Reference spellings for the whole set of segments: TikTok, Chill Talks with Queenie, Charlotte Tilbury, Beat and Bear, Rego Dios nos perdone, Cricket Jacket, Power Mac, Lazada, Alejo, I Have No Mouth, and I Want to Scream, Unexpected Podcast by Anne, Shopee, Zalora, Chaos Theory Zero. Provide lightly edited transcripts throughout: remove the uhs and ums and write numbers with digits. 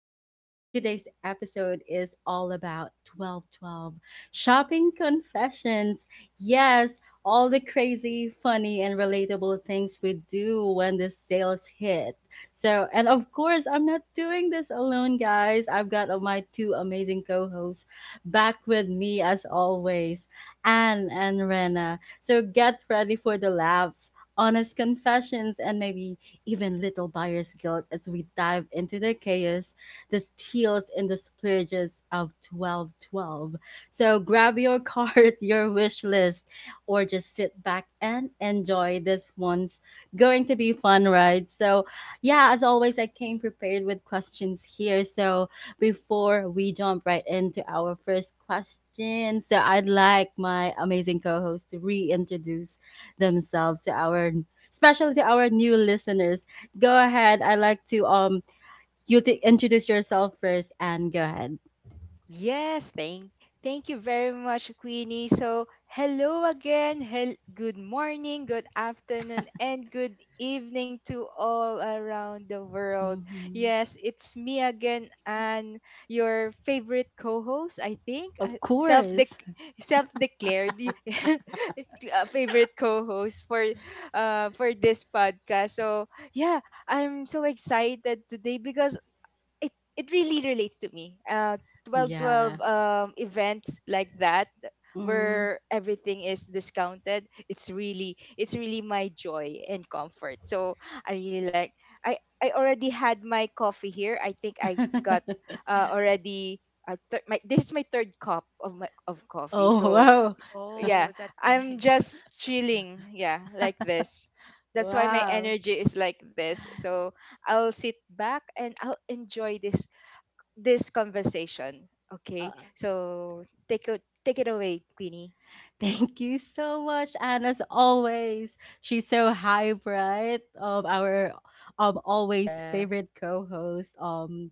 because today's episode is all about 1212 shopping confessions. Yes, all the crazy, funny, and relatable things we do when the sales hit. So, and of course, I'm not doing this alone, guys. I've got my two amazing co hosts back with me as always, Anne and Rena. So, get ready for the laughs honest confessions, and maybe even little buyer's guilt as we dive into the chaos, the steals, and the splurges of 1212. So grab your card, your wish list, or just sit back and enjoy this one's going to be fun, right? So, yeah, as always, I came prepared with questions here. So, before we jump right into our first question, so I'd like my amazing co host to reintroduce themselves to our especially to our new listeners. Go ahead. I like to you to introduce yourself first and go ahead. Yes, thank you very much, Queenie. So, hello again. Good morning, good afternoon, and good evening to all around the world. Mhm. Yes, it's me again, and your favorite co-host, I think, Of course. Self-declared favorite co-host for this podcast. So, yeah, I'm so excited today because it really relates to me. Twelve Yeah. twelve Mhm. Events like that Mm. where everything is discounted. It's really my joy and comfort. So I really like. I already had my coffee here. I think I got already. This is my third cup of coffee. Oh, So, wow. yeah, Oh, that's I'm nice. just chilling. Yeah, like this. That's why my Wow. energy is like this. So I'll sit back and I'll enjoy this conversation. Okay, Uh, so take it away, Queenie. Thank you so much, and as always, she's so hype, right? Our always Yeah, favorite co-host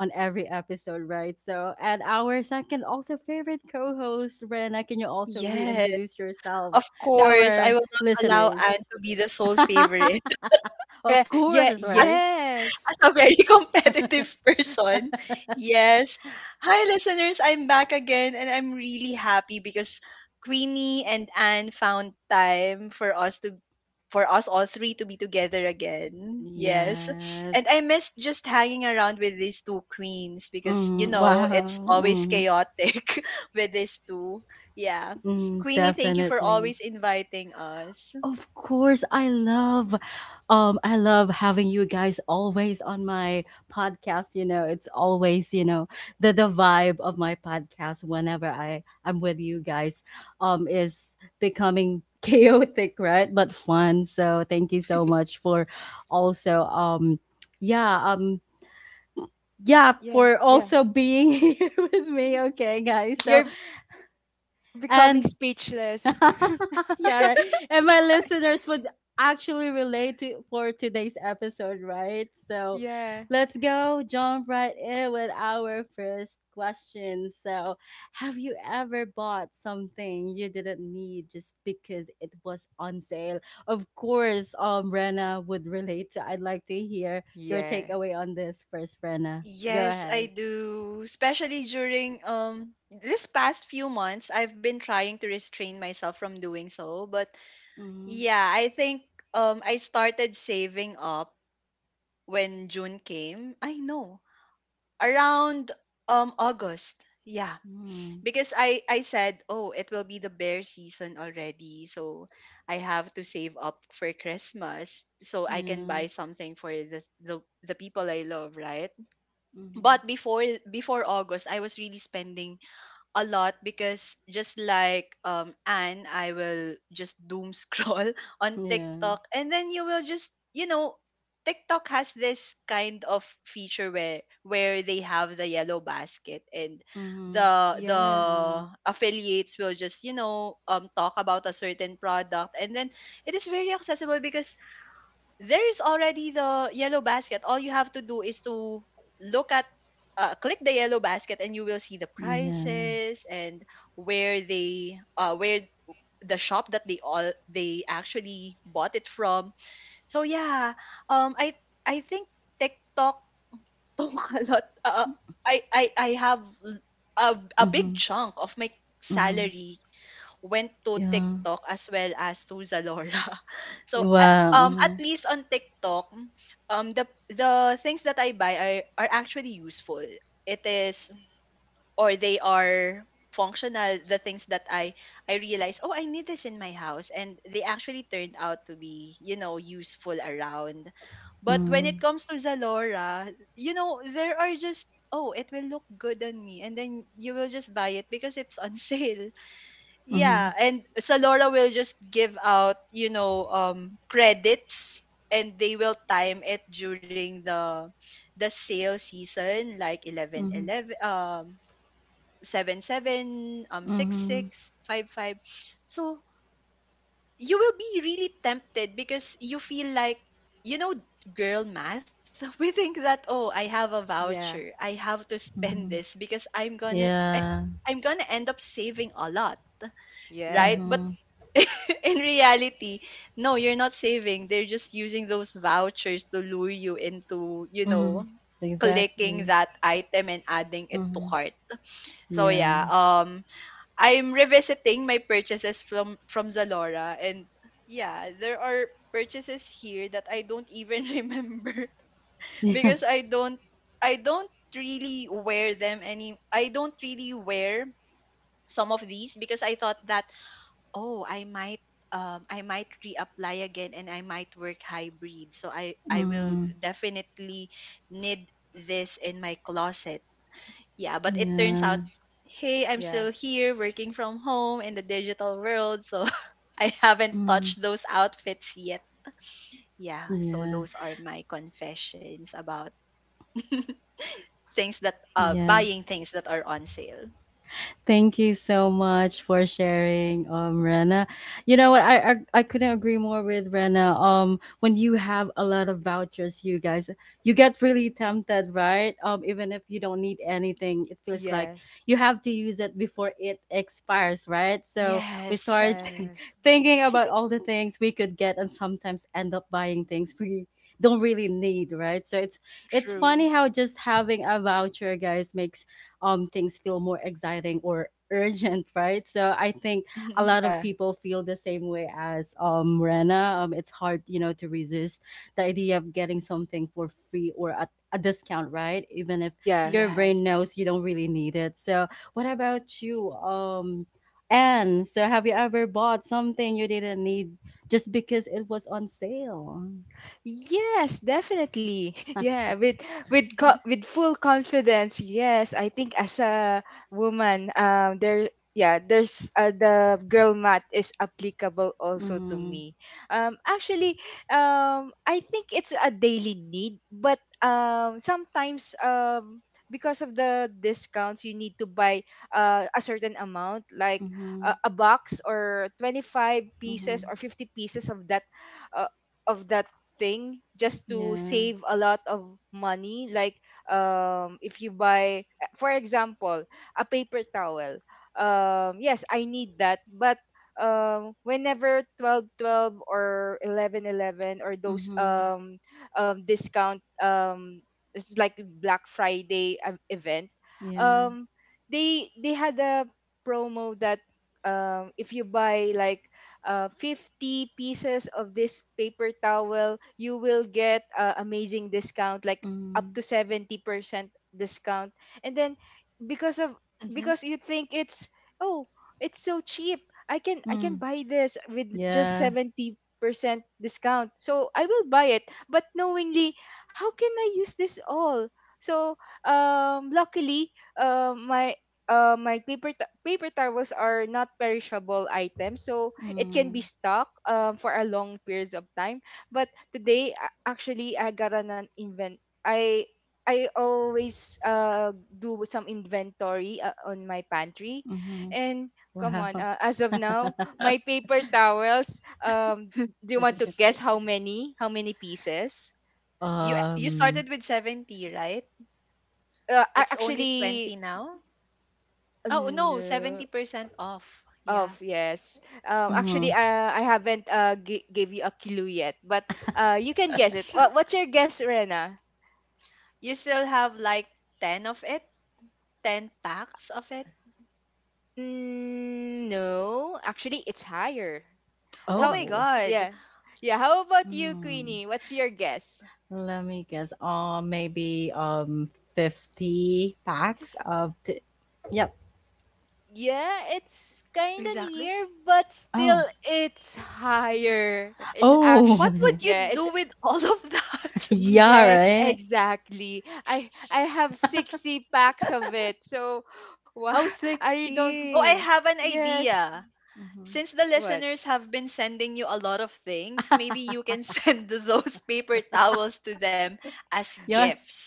on every episode, right? So, and our second also favorite co-host, Rena. Can you also Yes, reintroduce yourself of to course. I our will not allow Anne listeners? to be the sole favorite. yeah, Of yeah, course, right? yes, As a very competitive person. Yes. Hi, listeners. I'm back again, and I'm really happy because Queenie and Anne found time for us to, for us all three to be together again. Yes. And I Yes. miss just hanging around with these two queens because you Mm, know it's wow. always Mm, chaotic with these two. Yeah. mm, Queenie, thank you for definitely. always inviting us. Of course, I love having you guys always on my podcast. You know, it's always the vibe of my podcast whenever I'm with you guys, is becoming chaotic, right? But fun. So thank you so much for also, yeah, yeah, yeah, for yeah. also being here with me. Okay, guys. So You're you're becoming and speechless. yeah, right. And my listeners would actually relate to for today's episode, right? So Yeah, let's go jump right in with our first question. So have you ever bought something you didn't need just because it was on sale? Of course, Rena would relate to I'd like to hear your yeah, takeaway on this first, Rena. Go Yes, I ahead. do, especially during this past few months. I've been trying to restrain myself from doing so, but Mm-hmm. yeah, I think I started saving up when June came. I know, around August. Yeah, because I said, "Oh, it will be the bear season already, so I have to save up for Christmas so I can Yeah. buy something for the people I love, right?" Mm-hmm. But before August, I was really spending a lot because just like Anne, I will just doom scroll on Yeah. TikTok, and then you will just you know TikTok has this kind of feature where they have the yellow basket, and Mm-hmm. the yeah, Yeah. affiliates will just you know talk about a certain product, and then it is very accessible because there is already the yellow basket. All you have to do is to look at, click the yellow basket, and you will see the Yeah. prices and where they, where the shop that they all they actually bought it from. So yeah, um, I I think TikTok took a lot. I have l- a A big Mhm. chunk of my Mhm. salary went to Yeah. TikTok as well as to Zalora. So Wow. At Mhm. least on TikTok, the things that I buy are actually useful. It is, or they are functional, the things that I realize, oh, I need this in my house and they actually turned out to be, you know, useful around. But when it comes to Zalora, you know, there are just, oh, it will look good on me and then you will just buy it because it's on sale. Mhm. Mhm. Yeah, and Salora will just give out, you know, credits, and they will time it during the sale season like 11 Mhm. 11 seven seven six Mhm. six five five. So you will be really tempted because you feel like you know girl math we think that oh I have a yeah, voucher I have to spend Mhm. this because I, Yeah. I'm gonna end up saving a lot, right? But yes, Mhm. in reality, no, you're not saving. They're just using those vouchers to lure you into, you Mhm. know, clicking Exactly. that item and adding it to Mhm. cart. So Yeah. yeah, I'm revisiting my purchases from Zalora, and yeah, there are purchases here that I don't even remember because Yeah. I don't really wear them any I don't really wear some of these because I thought that, oh, I might reapply again and I might work hybrid. So I will Mm. definitely need this in my closet. Yeah, but it turns Yeah. out, hey, I'm yeah, still here working from home in the digital world, so I haven't Mm. touched those outfits yet. Yeah, so Yeah. those are my confessions about things that Yeah. buying things that are on sale. Thank you so much for sharing, Rena. You know what? I couldn't agree more with Rena. When you have a lot of vouchers, you guys, you get really tempted, right? Even if you don't need anything, it feels like yes, you have to use it before it expires, right? So we Yes, start yes, thinking about all the things we could get, and sometimes end up buying things we don't really need, right? So it's true. funny how just having a voucher, guys, makes things feel more exciting or urgent, right? So I think a lot of yeah, people feel the same way as Rena. It's hard, you know, to resist the idea of getting something for free or at a discount, right? Even if yeah. your brain Yes. knows you don't really need it. So what about you? Anne, so have you ever bought something you didn't need just because it was on sale? Yes, definitely. Yeah, with full confidence. Yes, I think, as a woman, yeah, there's the girl math is applicable also to Mm-hmm. me. Actually, I think it's a daily need, but sometimes, because of the discounts, you need to buy a certain amount, like Mm-hmm. A box, or 25 pieces, or Mm-hmm. 50 pieces of that, uh, of that thing, just to Yeah. save a lot of money. Like, if you buy, for example, a paper towel, yes, I need that, but whenever 12.12, or 11.11, or those, Mm-hmm. Discount, it's like Black Friday event. Yeah. Um they they had a promo that, if you buy like 50 pieces of this paper towel, you will get amazing discount, like up Mm-hmm. to 70% discount. And then, because of Mhm. because you think, it's, oh, it's so cheap. I can Mm, buy this with just yeah. 70% discount. So I will buy it, but knowingly, how can I use this all? So, luckily, uh, my my paper towels are not perishable items. So it can be Mm, stuck for a long periods of time. But today, actually, I got an invent. I always do some inventory on my pantry, mhm. and come on, Wow. As of now, my paper towels. Do you want to guess how many? How many pieces? You Um, started with 70, right? It's only Actually, 20 now? Oh, no, no. 70% off. Yeah. Of yes. Actually, mhm. I haven't gave you a clue yet, but you can guess it. What's your guess, Rena? You still have like 10 of it? 10 packs of it? Mm, no, actually, it's higher. Oh How? my Oh. God. Yeah, yeah. How about you, Mm. Queenie? What's your guess? Let me guess. Maybe 50 packs of t Yep. Yeah, it's kind of Exactly. near, but Oh. still, it's higher. It's actually, What Oh. would yeah. you It's do with all of that? Yeah, yes, right. exactly. I have 60 packs of it. So, why Oh, I don't. Oh, I 60. have an Yes. idea. Mm-hmm. Since the What? listeners have been sending you a lot of things, maybe you can send those paper towels to them as Yeah. gifts.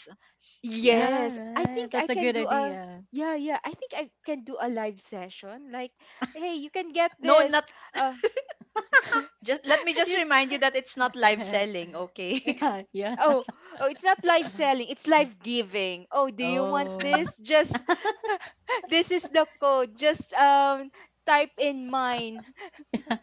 Yeah. Yeah, Yes. I right. think I That's a can good do a idea. Yeah, yeah. I think I can do a live session. Like, hey, you can get No, this. not, Uh, just let me just you remind you that it's not live selling, okay? Yeah, yeah. oh Oh, it's not live selling. It's live giving. Oh, do you want Oh, this? Just this is the code. Just type in mine.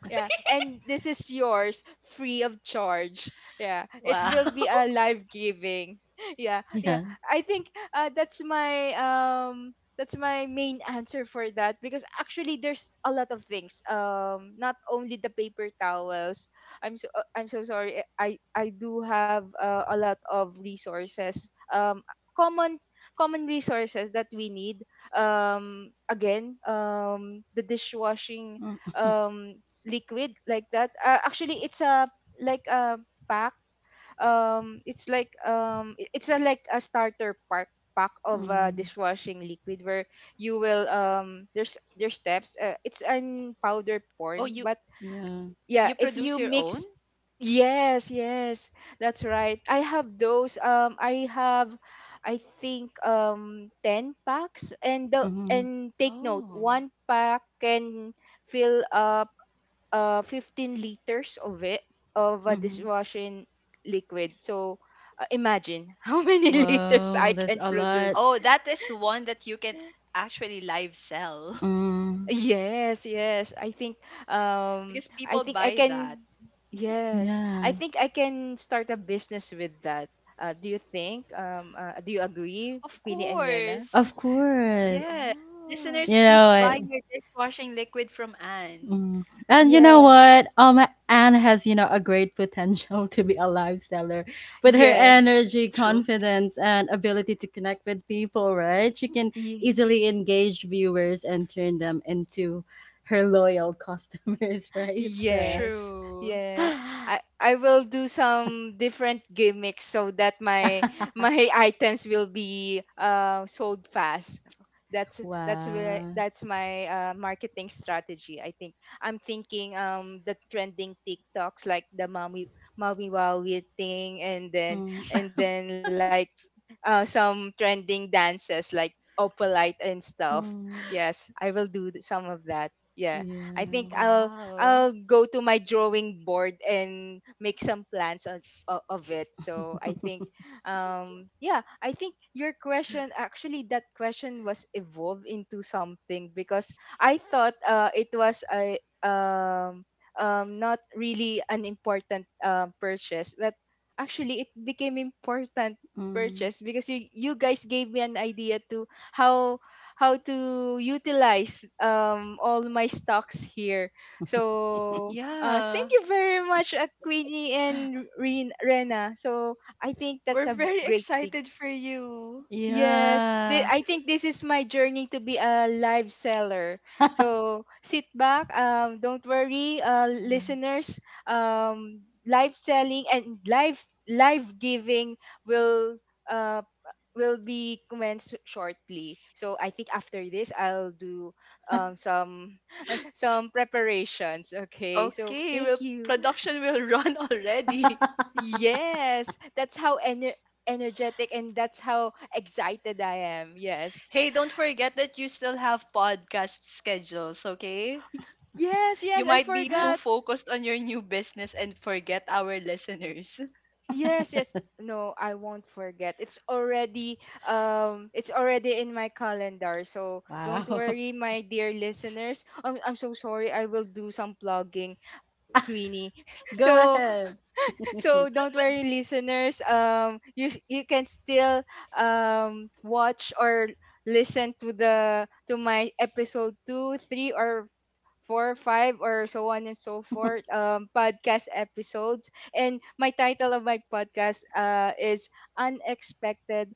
Yeah, and this is yours, free of charge. Yeah, it Wow. will be a live giving. Yeah, yeah. yeah. I think, that's my main answer for that, because actually there's a lot of things. Not only the paper towels. I'm so sorry. I do have a lot of resources. Common common resources that we need. Again, the dishwashing Mm, um liquid, like that. Actually, it's a like a pack. It's like, it's a like a starter pack of mm, dishwashing liquid, where you will, there's steps. It's in powder Oh, form, you but yeah. you yeah, if produce you your own? mix. Yes, yes, that's right. I have those. I have, I think, 10 packs, and the Mm-hmm. and take note, Oh. one pack can fill up 15 liters of it of a Mhm. dishwashing liquid, so imagine how many liters I Wow, that's can a produce. lot. Oh, that is one that you can actually live sell. Mm, Yes, yes, I think, Because I people think I buy that. can yes, I yeah, think I can start a business with that. Do you agree, Of Queenie and Rena? course. of course. Yeah. Oh, You Listeners, know please buy what? your dishwashing liquid from Anne. Mm. And you know yeah, what? Anne has you know a great potential to be a live seller with yes, her yes. energy, True. confidence, and ability to connect with people. Right? She can easily engage viewers and turn them into her loyal customers. Right? So, Yes, True. yes. I will do some different gimmicks so that my items will be sold fast. That's that's where wow. that's my marketing strategy. I think, I'm thinking the trending TikToks, like the mommy mommy wowie thing, and then, Mm, like, some trending dances like opalite and stuff. mm, Yes, I will do some of that. Yeah. I think yeah. I'll Wow. I'll go to my drawing board and make some plans on, of it. So I think, yeah, I think your question, actually that question was evolved into something, because I thought, it was a, not really an important, purchase. That actually it became important Mm. purchase, because you guys gave me an idea to how how to utilize all my stocks here, so, thank Yeah. you very much, Queenie and Rena. So, I think that's We're a very great thing. excited for you. Yes, Yeah. I think this is my journey to be a live seller. So, sit back, don't worry, Um, listeners. Live selling, and live giving, will be commenced shortly. So, I think after this, I'll do, um, some some preparations. Okay, so Okay, well, thank you. production will run already. Yes, that's how energetic, and that's how excited I am. Yes, Hey, don't forget that you still have podcast schedules, okay? yes, You yes. I might be too forgot. focused on your new business and forget our listeners. Yes, yes. No, I won't forget. It's already in my calendar. So, don't wow. worry, my dear listeners. I'm so sorry. I will do some plugging, Queenie. Go So ahead. So don't worry, listeners. You can still, watch or listen to the to my episode two, three, or four, five, or so on and so forth. Podcast episodes. And my title of my podcast is Unexpected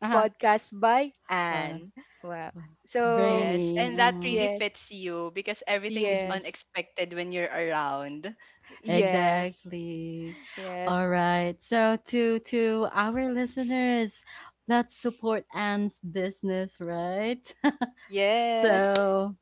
Uh-huh. Podcast by Wow. Anne. Wow. So, Yes, and Brainy. that really Mm-hmm. yes, fits you because everything is Mm-hmm. yes, unexpected when you're around. yes, Exactly. All yes, right. So to our listeners, let's support Anne's business, right? yes. So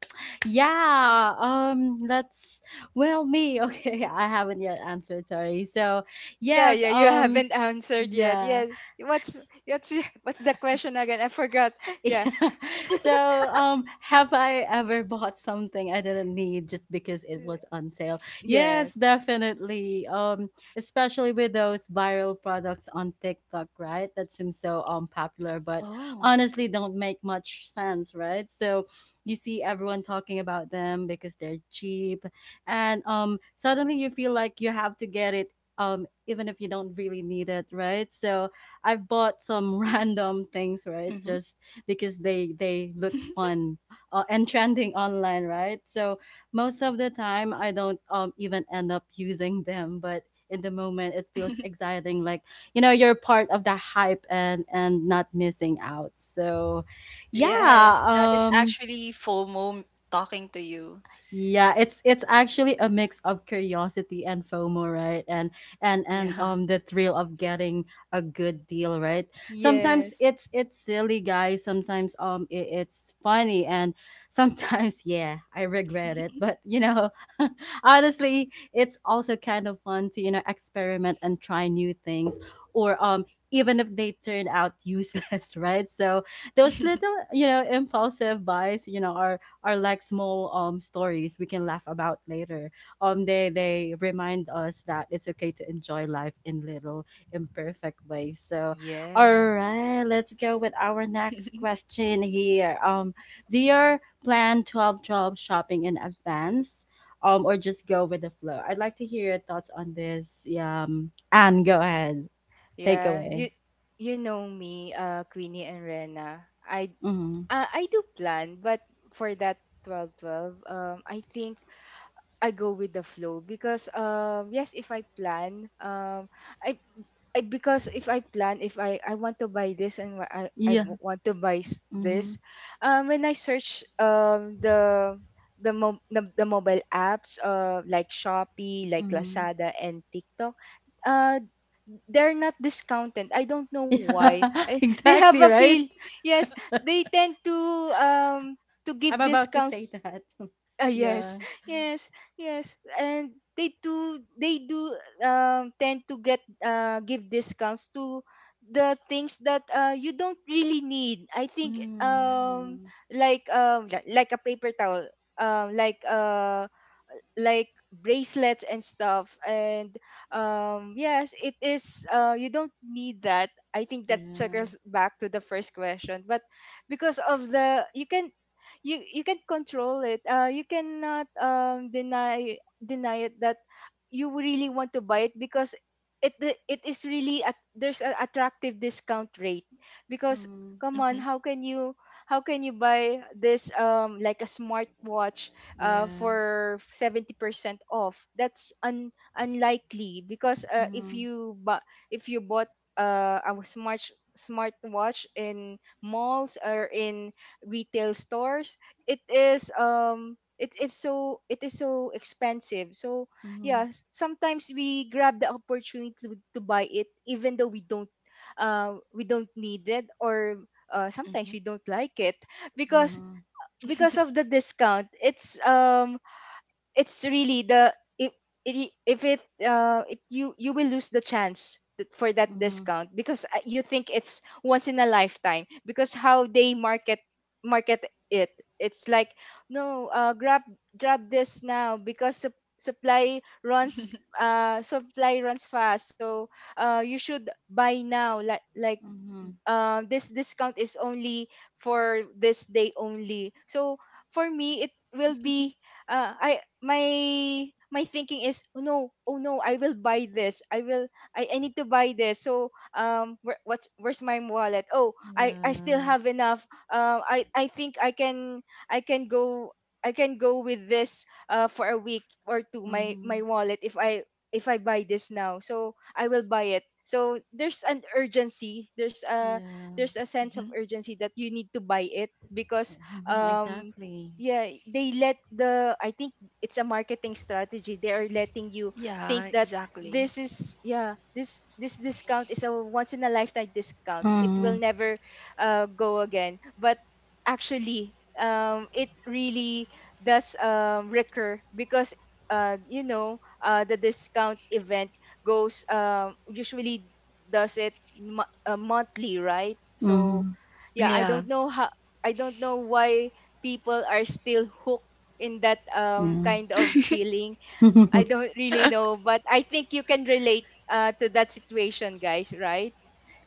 yeah, let's well me, okay, I haven't yet answered, sorry. So Yeah, yes, yeah, you haven't answered yet. yeah. Yes. What's what's What's the question again? I forgot. Yeah. So, have I ever bought something I didn't need just because it Yeah. was on sale? Yes, Yes. definitely. Especially with those viral products on TikTok, right? That seems so popular, but Oh. honestly don't make much sense, right? So you see everyone talking about them because they're cheap, and suddenly you feel like you have to get it. Even if you don't really need it, right? So I've bought some random Mm-hmm. things, right? Just because they look fun and trending online, right? So most of the time, I don't even end up using them, but in the moment it feels exciting like you know you're part of the hype and not missing out so yeah Yes, that is actually FOMO talking to you. yeah, it's actually a mix of curiosity and FOMO, right? And and Yeah. The thrill of getting a good deal, right? Sometimes Yes. It's silly, guys. Sometimes it, it's funny, and sometimes yeah, I regret it. But you know, honestly, it's also kind of fun to you know experiment and try new things, or even if they turn out useless, right? So those little you know impulsive buys, you know, are like small stories we can laugh about later. They remind us that it's okay to enjoy life in little imperfect ways. So all Yeah. right, let's go with our next question here. Do you plan 12 12 shopping in advance? Or just go with the flow? I'd like to hear your thoughts on this. Yeah, Anne, go ahead. Take Yeah. away. You know me, Queenie and Rena. Mm-hmm. I do plan, but for that 12.12, I think I go with the flow, because, yes, if I plan, I, I because, if I plan, if I I want to buy this, and wha- I Yeah. w- want to buy Mm-hmm. this, when I search, the, mo- the mobile apps, like Shopee, like Mm-hmm. Lazada, and TikTok, uh they're not discounted. I don't know why. Yeah, they have a exactly, feel. right? Yes, they tend, um to I'm give about to say discounts. that. Yes, Yeah. yes, yes, and they do, tend to get, give discounts to the things that you don't really need. I think, Mm, yeah. Like, like a paper towel, um like uh like bracelets and stuff, and, yes, it is, you don't need that. I think that Yeah. circles back to the first question, but because of the you can, you can control it. You cannot, deny it, that you really want to buy it, because it the- it is really at there's an attractive discount rate, because, Mm, come Hmm. on, how can you, buy this, like a smartwatch, yeah. for 70% off? That's unlikely, because, Mm, if you bought a smartwatch in malls or in retail stores, it is, it is so expensive. So, mm, yeah, sometimes we grab the opportunity, to buy it, even though we don't, we don't need it, or, Hmm. sometimes we don't like it, because, mm, of the discount. It's, it's really the if if it it, you, will lose the chance for that mm, discount, because, you think it's once in a lifetime, because how they market it. It's like, no, grab this now, because supply runs fast. So, you should buy now. Like, mm, this discount is only for this day only. So, for me, it will be, I my my thinking is, oh no, I will buy this, I need to buy this, so, where's my wallet. Oh, I still yeah. have enough, I think, I can go, with this, for a week or two, Mm, my wallet, if I buy this now, so I will buy it. So, there's an urgency. There's a yeah. there's a sense Mhm. of urgency that you need to buy it because Mm-hmm, um exactly. yeah, they let the I think it's a marketing strategy. They are letting you Yeah, think that exactly. this is, yeah, this discount is a once in a lifetime discount. It will Mm, never go again. But actually, it really does recur because the discount event goes, usually does it monthly, right? So mm, yeah, Yeah. I don't know why people are still hooked in that yeah. kind of feeling. I don't really know, but I think you can relate to that situation, guys, right?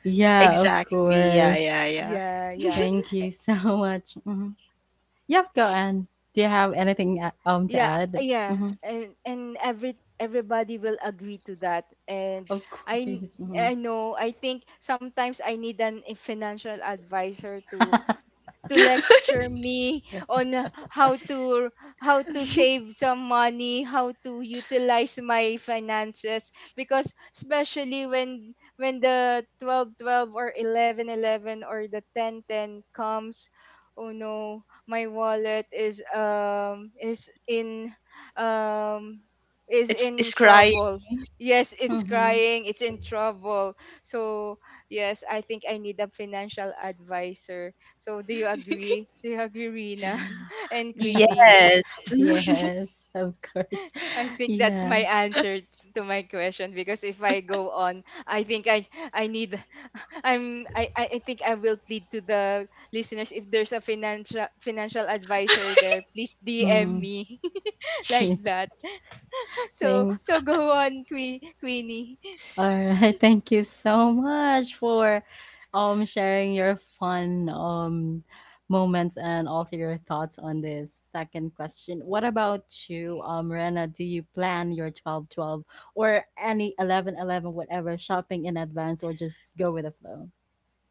Yeah, of Exactly. Yeah, course. yeah, yeah. Yeah, yeah, Thank you so much. Mm-hmm. Yep, go on. Do you have yeah, anything to yeah, add? yeah. Mm-hmm. And everybody will agree to that. And Of i n- course. Mm-hmm. I think sometimes I need an a financial advisor to lecture me on how to save some money, how to utilize my finances, because especially when the 12 12 or 11 11 or the 10 10 comes, oh no, my wallet um is in it's crying. trouble. Yes, it's Mm-hmm. crying, it's in trouble. So yes, I think I need a financial advisor. So, do you agree? Do you agree, Rina Mm-hmm. and Queenie? Yes. Yes, of course. I think that's Yeah. my answer to my question, because if I go on, I think I need I think I will plead to the listeners: if there's a financial advisor there, please DM Mm. me like that. So Thank. so go on, Queenie. All right. Thank you so much for sharing your fun moments and also your thoughts on this second question. What about you, Rena? Do you plan your 12 12 or any 11 11 whatever, shopping in advance or just go with the flow?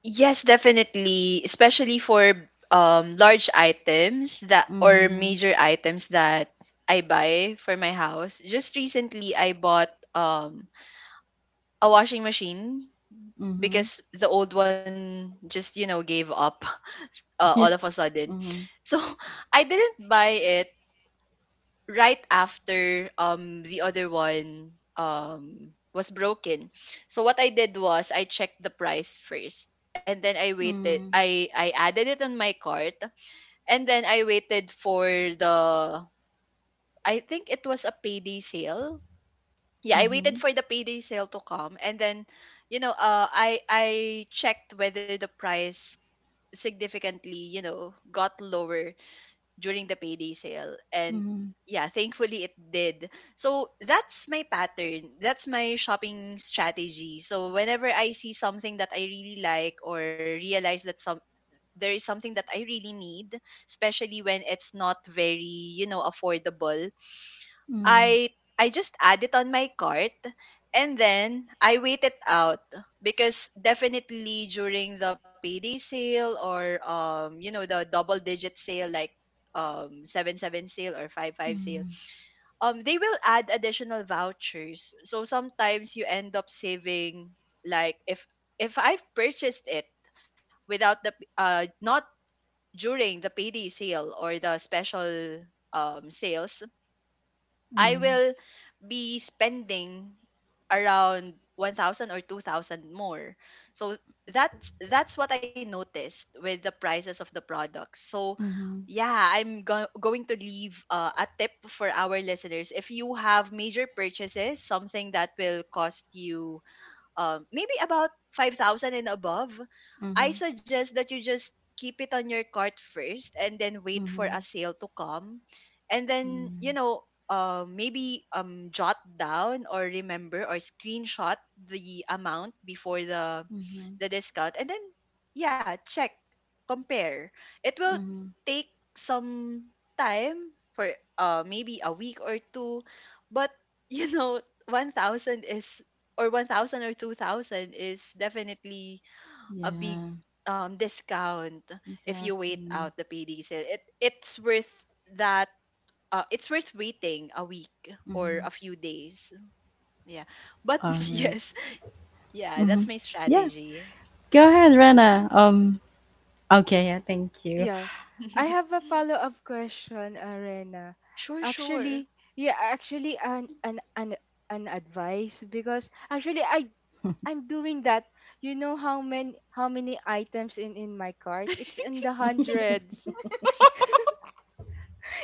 Yes, definitely, especially for large items, that or Mm-hmm. major items that I buy for my house. Just recently I bought a washing machine Mm-hmm. because the old one just you know gave up all of Yeah. a sudden. Mm-hmm. So I didn't buy it right after the other one was broken. So what I did was I checked the price first, and then I waited, I added it on my cart, and then I waited for the, I think it was a payday sale. Yeah, I Mm-hmm. waited for the payday sale to come, and then, you know, I checked whether the price significantly, you know, got lower during the payday sale, and Mm-hmm. yeah, thankfully it did. So that's my pattern. That's my shopping strategy. So whenever I see something that I really like or realize that some, there is something that I really need, especially when it's not very, you know, affordable. Mm-hmm. I I just add it on my cart and then I wait it out, because definitely during the payday sale or you know the double digit sale like seven seven sale or five five sale, Mm-hmm. They will add additional vouchers, so sometimes you end up saving like if I've purchased it without the not during the payday sale or the special sales, I Mm-hmm. will be spending around 1,000 or 2,000 more. So that's what I noticed with the prices of the products. So Mm-hmm. yeah, I'm going to leave a tip for our listeners. If you have major purchases, something that will cost you maybe about 5,000 and above, I Mm-hmm. suggest that you just keep it on your cart first and then wait for Mm-hmm. a sale to come. And then, you Mm, know, maybe jot down or remember or screenshot the amount before mhm, the discount and then yeah, check, compare. It will mhm. take some time for maybe a week or two, but you know 1,000 is or 1,000 or 2,000 is definitely a big Yeah, discount if you wait exactly. out the payday sale. It it's worth that, it's worth waiting a week or Mhm. a few days. Yeah. But All right. yes, yeah, that's Mhm. my Yeah, strategy. go ahead, Rena. Okay. Yeah. Thank you. Yeah. I have a follow-up question, Arena. Sure, sure. Actually, yeah, actually an advice, because actually I'm doing that. You know how many items in my cart? It's in the hundreds.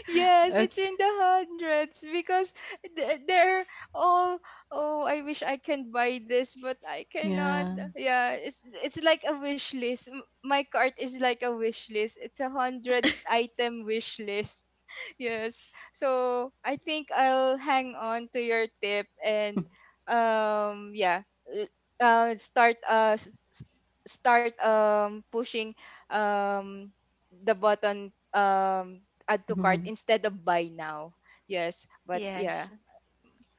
Yes, it's Okay. in the hundreds, because they're all, oh, I wish I can buy this, but I cannot. Yeah. Yeah, it's like a wish list. My cart is like a wish list. It's a 100 item wish list. Yes. So I think I'll hang on to your tip, and yeah, uh start uh s- s- start pushing, um the button, add to cart instead of buy now. Yes, but yeah, Yes,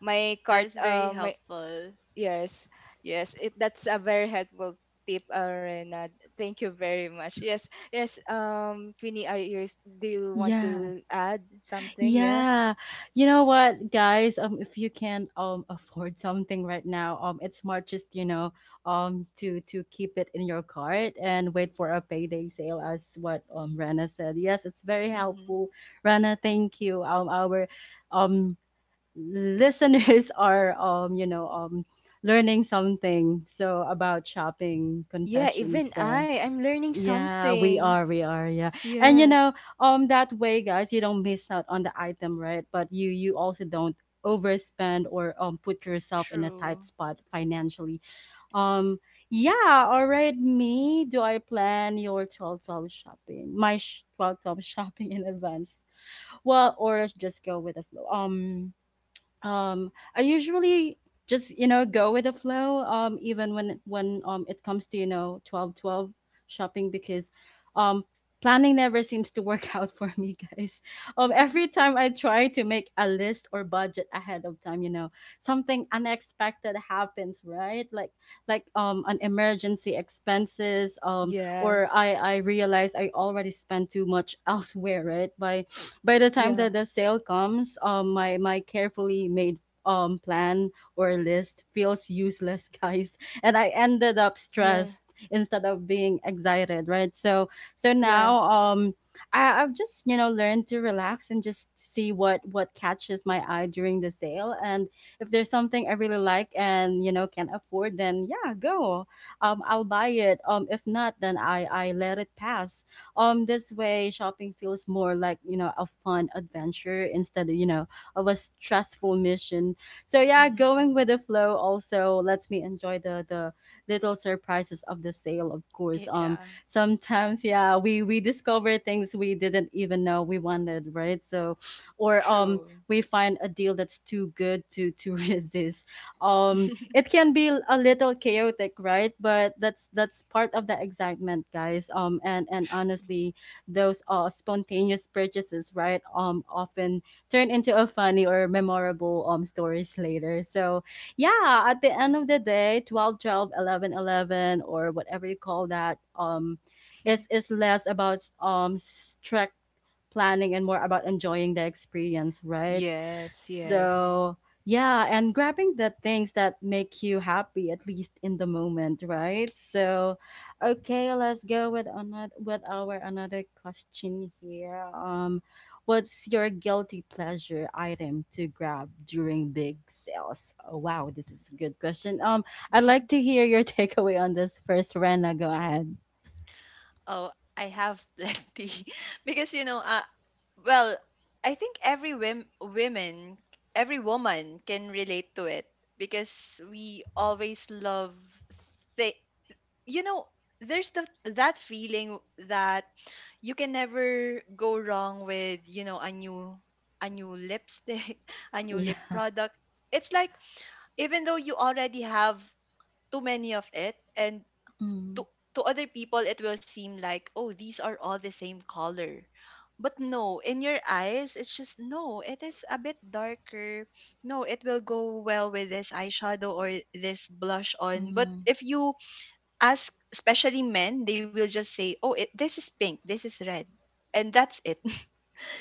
my that cart is very my helpful. yes, yes, it that's a very helpful tip, Rena. Thank you very much. Yes, yes, Queenie, are you do you want Yeah. to add something? Yeah. Yeah. You know what, guys? If you can't afford something right now, it's smart just, you know, to keep it in your cart and wait for a payday sale as what Rana said. Yes, it's very Mm-hmm. helpful. Rana, thank you. Our um listeners are you know, learning something so about shopping Yeah, even confessions. Uh, I'm learning yeah, something. We are, yeah. And you Yeah. know, that way guys, you don't miss out on the item, right? But you also don't overspend or put yourself in a tight True. spot financially. Um yeah, all right, me, do I plan your 12-12 shopping? My sh- 12-12 shopping in advance. Well, or just go with the flow. I usually just you know go with the flow even when it comes to you know 12 12 shopping because um planning never seems to work out for me, guys. Um, every time I try to make a list or budget ahead of time you know something unexpected happens, right? Like an emergency expenses or Yes. I realize I already spent too much elsewhere, right? By the time Yeah. that the sale comes, my my carefully made plan or list feels useless, guys, and I ended up Yeah. stressed instead of being excited, right? So so Yeah. now. I've just you know learned to relax and just see what catches my eye during the sale, and if there's something I really like and you know can afford, then yeah, go. I'll buy it. If not, then I let it pass this way, shopping feels more like you know a fun adventure instead of you know of a stressful mission. So yeah, Hmm. going with the flow also lets me enjoy the little surprises of the sale. Of course, Yeah, sometimes yeah, we discover things we didn't even know we wanted, right? So, or true. we find a deal that's too good to resist. Um, it can be l- a little chaotic, right? But that's part of the excitement, guys. And Tr- honestly, those spontaneous purchases, right? Often turn into a funny or memorable stories later. So yeah, at the end of the day, 12, 12, 11, 11, or whatever you call that, is is less about strict planning and more about enjoying the experience, right? Yes. Yes. So Mm-mm. yeah, and grabbing the things that make you happy, at least in the moment, right? So, okay, let's go with another with our another question here. What's your guilty pleasure item to grab during big sales? Oh, wow, this is a good question. I'd like to hear your takeaway on this first, Rena. Go ahead. Oh, I have plenty because you know, well, I think every women, every woman can relate to it because we always love thi- you know, there's the, that feeling that you can never go wrong with, you know, a new lipstick, a new lip Yeah. product. It's like even though you already have too many of it and Mm-hmm. to to other people it will seem like, oh, these are all the same color, but no, in your eyes it's just, no, it is a bit darker, no, it will go well with this eyeshadow or this blush on. But Mm-hmm. if you ask, especially men, they will just say, oh, it, this is pink, this is red, and that's it.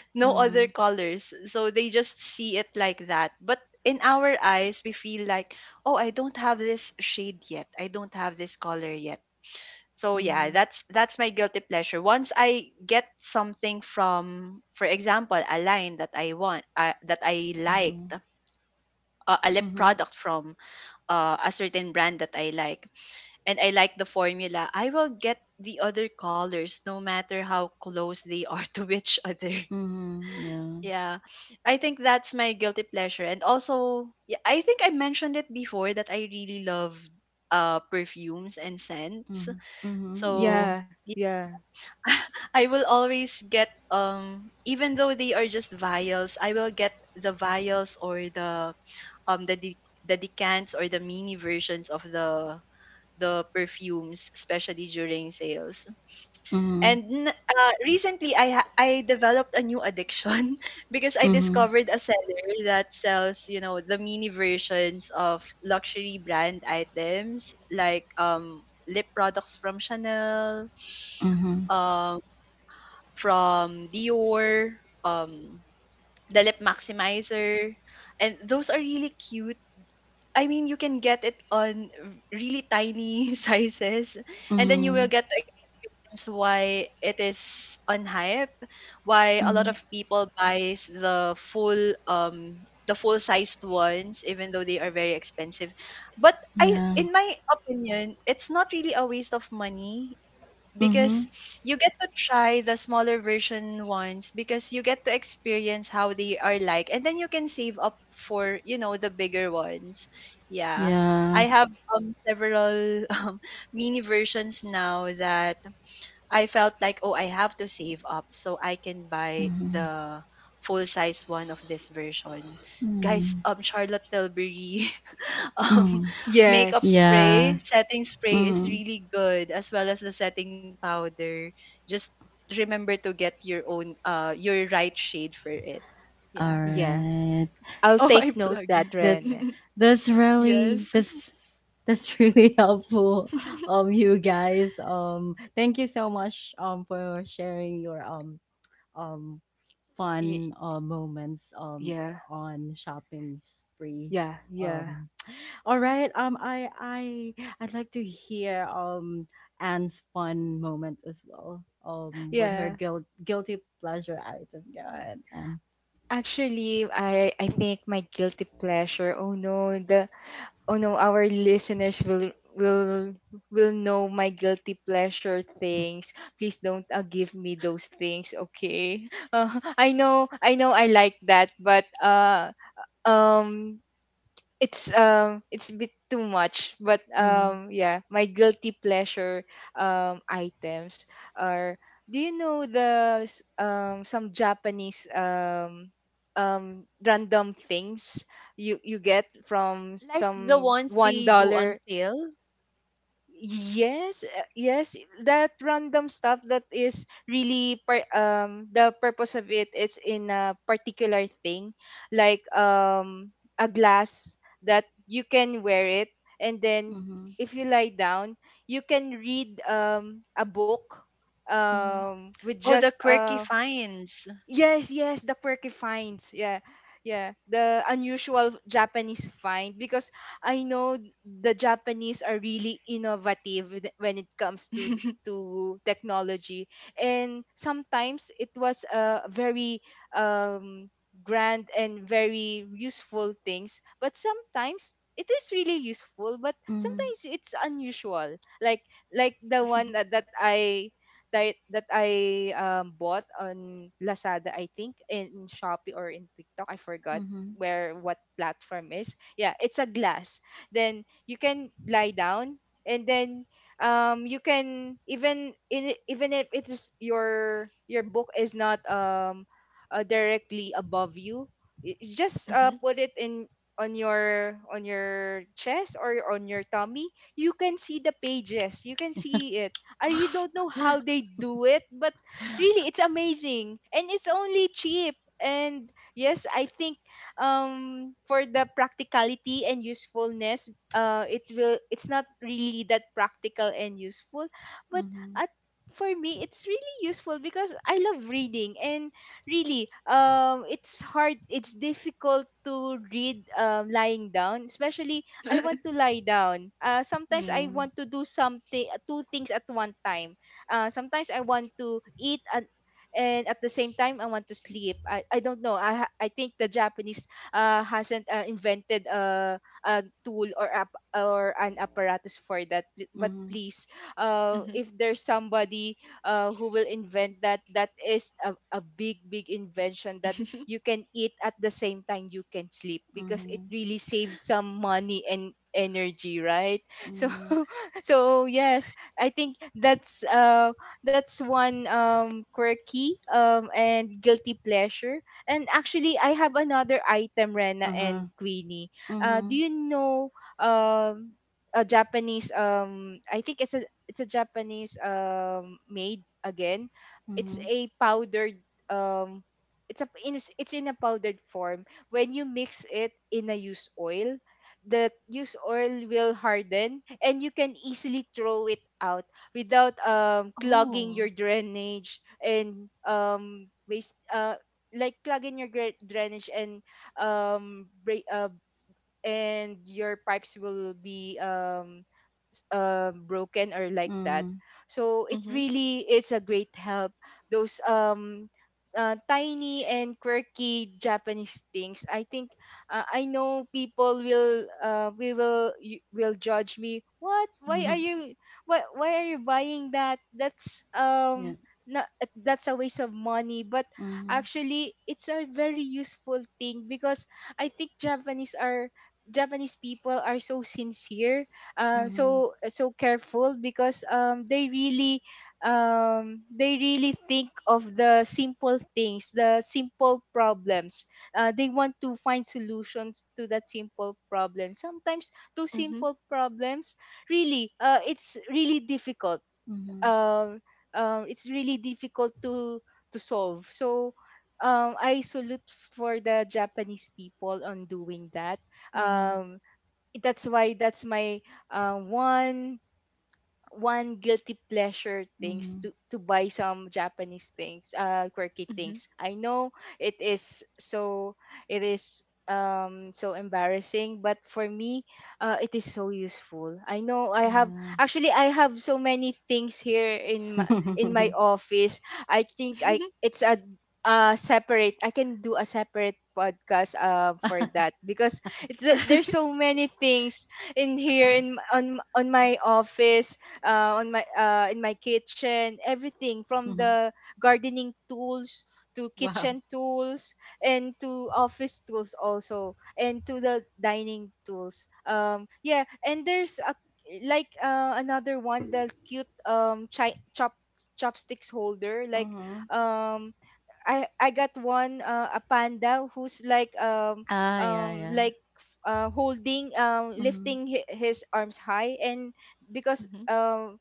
No other colors, so they just see it like that, but in our eyes we feel like, oh, I don't have this shade yet, I don't have this color yet. So yeah, Mm-hmm. That's my guilty pleasure. Once I get something from, for example, a line that I want, that I liked, Mm-hmm. A lip Mm-hmm. product from a certain brand that I like, and I like the formula, I will get the other colors no matter how close they are to each other. Mm-hmm. Yeah. Yeah, I think that's my guilty pleasure. And also, yeah, I think I mentioned it before that I really love uh, perfumes and scents. Mm-hmm. Mm-hmm. So Yeah. Yeah. I will always get even though they are just vials, I will get the vials or the the decants or the mini versions of the perfumes, especially during sales. Mhm, Recently, I developed a new addiction because I mhm, discovered a seller that sells the mini versions of luxury brand items like lip products from Chanel, mhm, um from Dior, um, the lip maximizer, and those are really cute. I mean, you can get it on really tiny sizes, and then you mhm, will get to experience why it is on hype, why a lot mhm, of people buys the full sized ones, even though they are very expensive. But yeah, in my opinion, it's not really a waste of money mhm, because you get to try the smaller version ones because you get to experience how they are like, and then you can save up for the bigger ones. Yeah. yeah, I have several mini versions now that I felt like, oh, I have to save up so I can buy mhm, the full size one of this version. Guys, mm, Charlotte Tilbury um Y- mm, makeup yes. yeah, spray, setting spray is mhm. really good as well as the setting powder. Just remember to get your right shade for it. All Yeah. Yeah. right, I'll Oh, S- I'm take note plugging. that, that's Ren. that's really Yes. that's that's really helpful, you guys. Thank you so much, for sharing your um Y- fun moments yeah. on shopping spree. Yeah. Yeah. Um, All right. I I'd like to hear Anne's fun moment as well. With her Yeah. Guilty pleasure item. Go ahead, Anne. Actually, I think my guilty pleasure. Oh no, the oh no, our listeners will know my guilty pleasure things. Please don't give me those things, okay? Uh, I know, I know, I like that, but um, it's a bit too much, but Mhm. Yeah, my guilty pleasure items are, do you know the some Japanese, random things you get from Like the some ones one they do on dollar sale? Yes, yes, that random stuff that is really the purpose of it is in a particular thing, like a glass that you can wear it, and then Mhm. if you lie down you can read a book Mhm. With Oh, the just quirky finds. Yes, yes, the quirky finds. Yeah. Yeah, the unusual Japanese find, because I know the Japanese are really innovative when it comes to Hmm. Technology, and sometimes it was a very um grand and very useful things, but sometimes it is really useful, but Mhm. sometimes it's unusual, like the one that I bought on Lazada, I think, in Shopee or in TikTok. I forgot Mhm. where what platform is. Yeah, it's a glass. Then you can lie down, and then, you can, even, in even if it is your book is not, directly above you, you just Hmm. put it, in on your chest or on your tummy, you can see the pages, you can see it. I really don't know how they do it, but really it's amazing, and it's only cheap. And yes, I think, for the practicality and usefulness, it's not really that practical and useful, but Mhm. at for me it's really useful because I love reading, and really, it's difficult to read, lying down. Especially, I want to lie down. Sometimes Yeah. I want to do something, two things at one time. Sometimes I want to eat, and at the same time I want to sleep. I don't know. I think the Japanese, hasn't, invented a tool or app or an apparatus for that. But Mhm. please, if there's somebody who will invent that, that is a big, big invention, that you can eat at the same time you can sleep, because it Mhm. really saves some money and energy, right? So Mm. so yes, I think that's one, quirky, and guilty pleasure. And actually, I have another item, Rena and Mhm. Queenie. Do Mhm. you know, um a Japanese, I think it's a Japanese, made, again, it's Mhm. a powdered, um it's in a powdered form, when you mix it in a used oil, the used oil will harden, and you can easily throw it out without clogging your Oh. drainage, and waste like clogging your drainage, and um break, uh, and your pipes will be broken, or like that. Mhm. So it Hmm. really is a great help. Those, tiny and quirky Japanese things. I think, I know people will, we will you will judge me. What? Why are Mhm. you why why are you buying that? That's, Yeah. not, that's a waste of money. But Mhm. actually, it's a very useful thing, because I think Japanese people are so sincere, Mhm. So careful, because, they really, think of the simple things, the simple problems. They want to find solutions to that simple problem. Sometimes those Hmm. Hmm. simple problems really, um, it's really difficult to solve. So, I salute for the Japanese people on doing that. Mhm. Mhm. Um, that's why, that's my, uh, one one guilty pleasure things, Mhm. to buy some Japanese things, quirky Hmm. things. I know it is so, it is so embarrassing, but for me, it is so useful. I know I have Yeah. actually I have so many things here in my office. I think I it's a separate I can do a separate podcast for that, because it's there's so many things in here, in m- on m- on my office, on my in my kitchen, everything from Mhm. the gardening tools to Wow. kitchen tools, and to office tools also, and to the dining tools. Yeah, and there's a, another one, the cute, chopsticks holder, like, Mhm. um I got one, a panda who's like, Ah, yeah, yeah. Holding, Mhm. lifting, his arms high, and because, Hmm.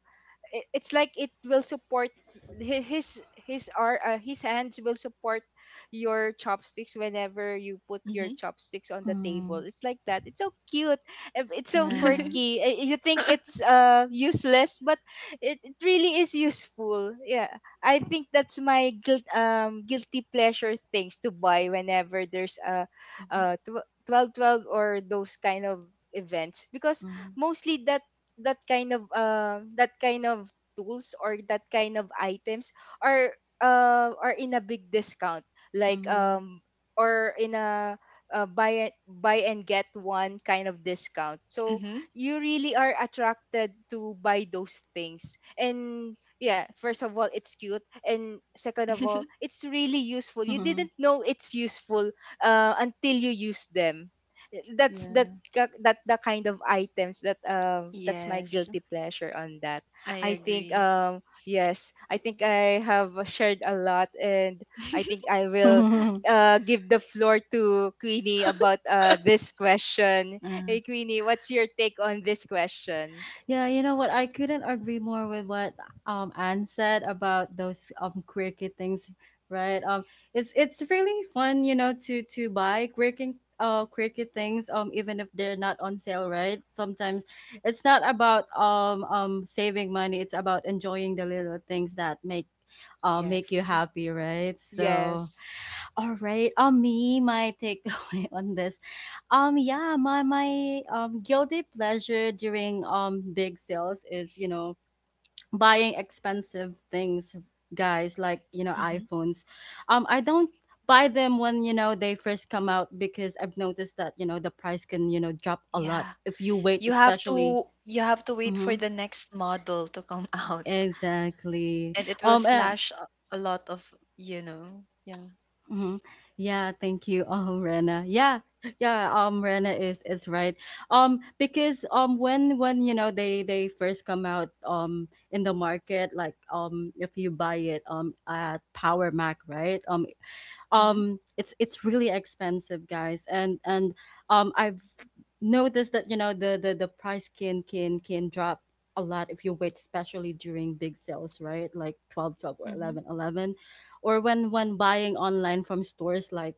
it's like it will support, hi- his his hands will support your chopsticks whenever you put your Hmm. chopsticks on the table, Mhm. it's like that, it's so cute. Eh, it's so Yeah. Hmm. quirky. Eh, you think it's useless, but it really is useful. Yeah. I think that's my guilty pleasure things to buy whenever there's a, 12 twelve or those kind of events, because Mhm. mostly, that kind of, tools or that kind of items, are, are in a big discount, like, Mhm. Or in a, buy and get one kind of discount. So you really are attracted to buy those things, and yeah, first of all it's cute, and second of all it's really useful, you didn't know it's useful, until you use them. That's that Yeah. ka- that The kind of items that, that's my Yes, guilty pleasure on that. I I think, agree. Yes, I think I have shared a lot, and I think I will, give the floor to Queenie about, this question. Uh. Hey Queenie, what's your take on this question? Yeah, you know what? I couldn't agree more with what Anne said about those quirky things, right? It's really fun, you know, to buy quirky quirky things even if they're not on sale, right? Sometimes it's not about saving money; it's about enjoying the little things that make make you Yes. happy, right? So, Yes. all right, me my takeaway on this. Yeah, my guilty pleasure during big sales is, you know, buying expensive things, guys, like, you know, Hmm. iPhones. I don't buy them when, you know, they first come out because I've noticed that, you know, the price can, you know, drop a lot Yeah. if you wait You have especially. to wait for Mhm. the next model to come out, Exactly. and it will Um uh, slash a lot of. Yeah. Mhm. Yeah, thank you, Rena. Yeah, yeah, Rena is right. Because when you know they first come out in the market, like if you buy it at Power Mac, right? Um, Mhm, um it's really expensive, guys, and I've noticed that, you know, the price can drop a lot if you wait, especially during big sales, right? Like 12 12 or mhm. 11 11, or when buying online from stores like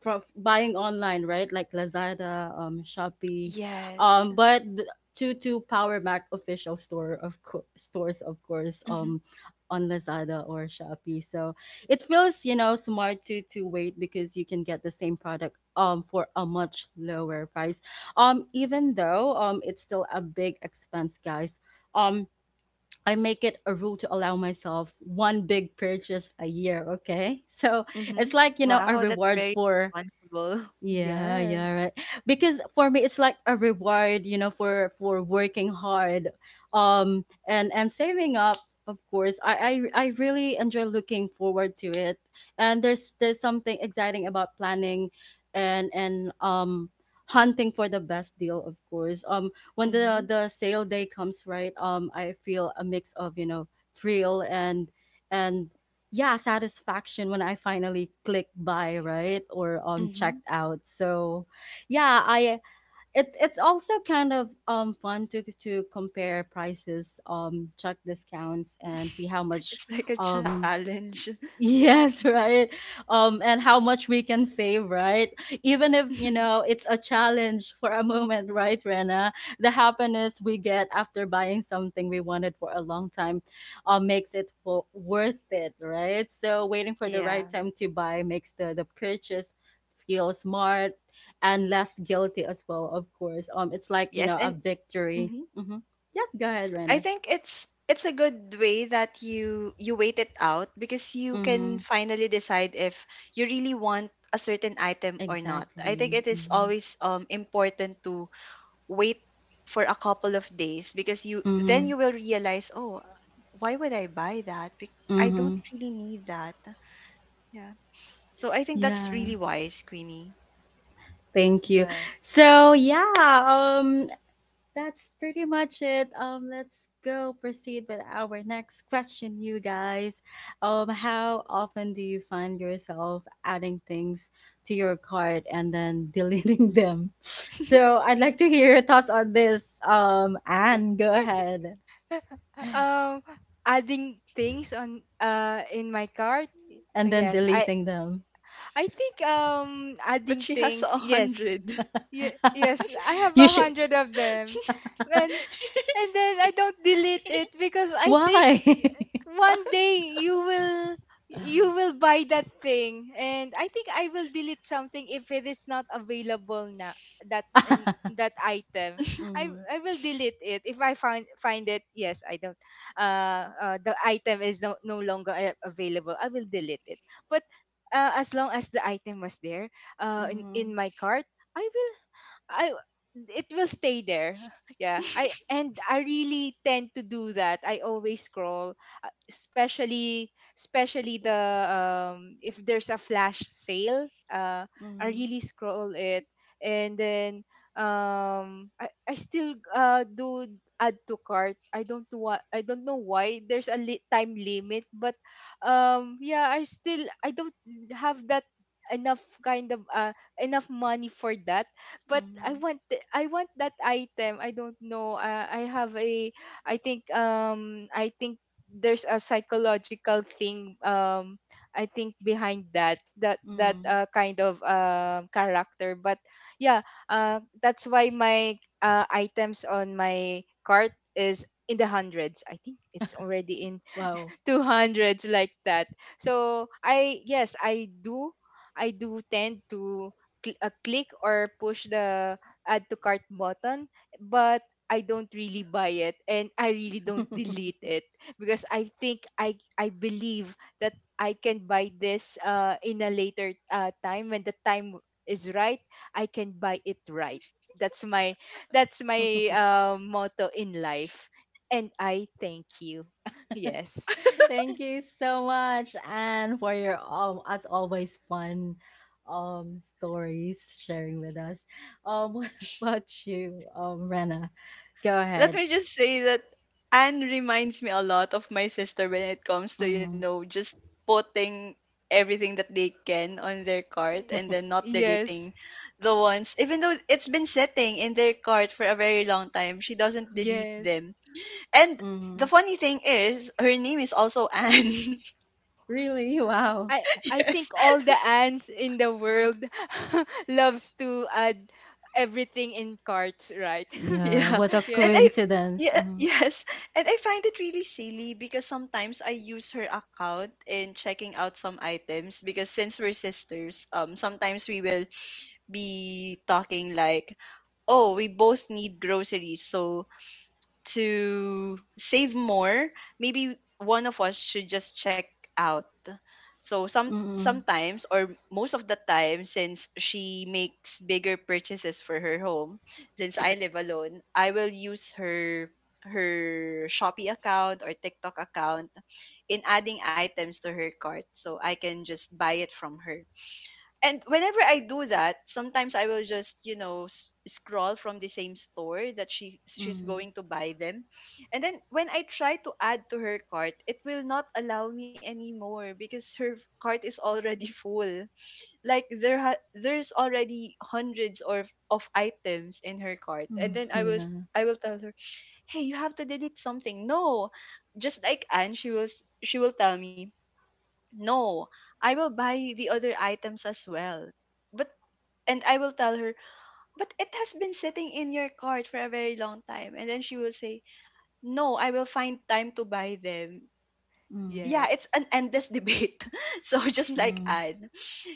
buying online, right? Like Lazada, Shopee, Yes. um, but th- to Power Mac official store of co- stores, of course, Mhm, on Lazada or Shopee. So it feels, you know, smart to wait because you can get the same product for a much lower price. Even though it's still a big expense, guys. Um, I make it a rule to allow myself one big purchase a year. Okay, so mhm. it's like, you know, Wow, a that's reward very for responsible. yeah, Yes. yeah, right. Because for me it's like a reward, you know, for working hard and saving up, of course. I really enjoy looking forward to it. And there's something exciting about planning and hunting for the best deal, of course. When Mhm, the sale day comes, right? I feel a mix of, you know, thrill and and yeah, satisfaction when I finally click buy, right, or mhm. checked out. So yeah, I it's also kind of fun to compare prices, check discounts, and see how much It's like a um challenge. Yes, right. And how much we can save, right? Even if, you know, it's a challenge for a moment, right, Rena? The happiness we get after buying something we wanted for a long time, makes it worth it, right? So waiting for the Yeah. right time to buy makes the purchase feel smart and less guilty as well, of course. It's like, you Yes, know, a and victory. mhm. Mm-hmm. Yep, go ahead, I Rena. think it's a good way that you wait it out because you Mm-hmm. can finally decide if you really want a certain item or not. I think Exactly. it is Mm-hmm. always important to wait for a couple of days, because you then Mm-hmm. you will realize, oh, why would I buy that? I Mm-hmm. don't really need that. Yeah. So I think that's Yeah, really wise, Queenie. thank you. Yeah. So yeah, um, that's pretty much it. Let's go proceed with our next question, you guys. How often do you find yourself adding things to your cart and then deleting them? So I'd like to hear your thoughts on this. Anne, go ahead. Um Adding things on, in my cart. And then Yes, deleting them. I think, But adding she has a things. Yes. hundred. Yes, I have You a should. hundred of them. And and then I don't delete it because I think Why? one day you will buy that thing. And I think I will delete something if it is not available now. That and that item, i Mm-hmm, i will delete it if I find it. Yes, I don't — the item is no longer available, I will delete it. But as long as the item was there, in mm-hmm, my cart, I will I it will stay there. Yeah. I really tend to do that. I always scroll, especially the — if there's a flash sale, I mm-hmm, really scroll it. And then I still do add to cart. I don't know why there's a time limit, but yeah, I still — I don't have that — enough kind of enough money for that. But I want I want that item. I don't know. I have a — I think there's a psychological thing. I think behind that mm-hmm. Kind of character. But yeah, that's why my — items on my cart is in the hundreds. I think it's already in Wow. two hundreds, like that. So I — yes, I do tend to click or push the add to cart button, but I don't really buy it and I really don't delete it because I believe that I can buy this in a later time. When the time is right, I can buy it, right. That's my — that's my motto in life, and I thank you. Yes. Thank you so much, and for your as always fun stories sharing with us. What about you, Rena? Go Let ahead. me just say that Anne reminds me a lot of my sister when it comes to, you Mm-hmm. know, just putting everything that they can on their cart and then not Yes, deleting the ones, even though it's been sitting in their cart for a very long time. She doesn't delete yes. them. And the Mm-hmm. funny thing is, her name is also Anne. Really? Wow. I I Yes. think all the ants in the world loves to add everything in carts, right? Yeah. Yeah. What a And Yeah. I coincidence. Yeah, Mm-hmm. yes. And I find it really silly because sometimes I use her account in checking out some items because, since we're sisters, sometimes we will be talking like, "Oh, we both need groceries." So, to save more, maybe one of us should just check out. So Mm-hmm. sometimes, or most of the time, since she makes bigger purchases for her home, since I live alone, I will use her Shopee account or TikTok account in adding items to her cart so I can just buy it from her. And whenever I do that, sometimes I will just scroll from the same store that she's going to buy them, and then when I try to add to her cart, it will not allow me anymore because her cart is already full. Like, there's already hundreds or of items in her cart, and then Mm-hmm. I will tell her, "Hey, you have to delete something." No, just like Anne, she will tell me, no, I will buy the other items as well, but and I will tell her, but it has been sitting in your cart for a very long time. And then she will say, no, I will find time to buy them. Mm-hmm. Yeah, it's Yes. an endless debate. So just Yeah. like Mm-hmm. Anne,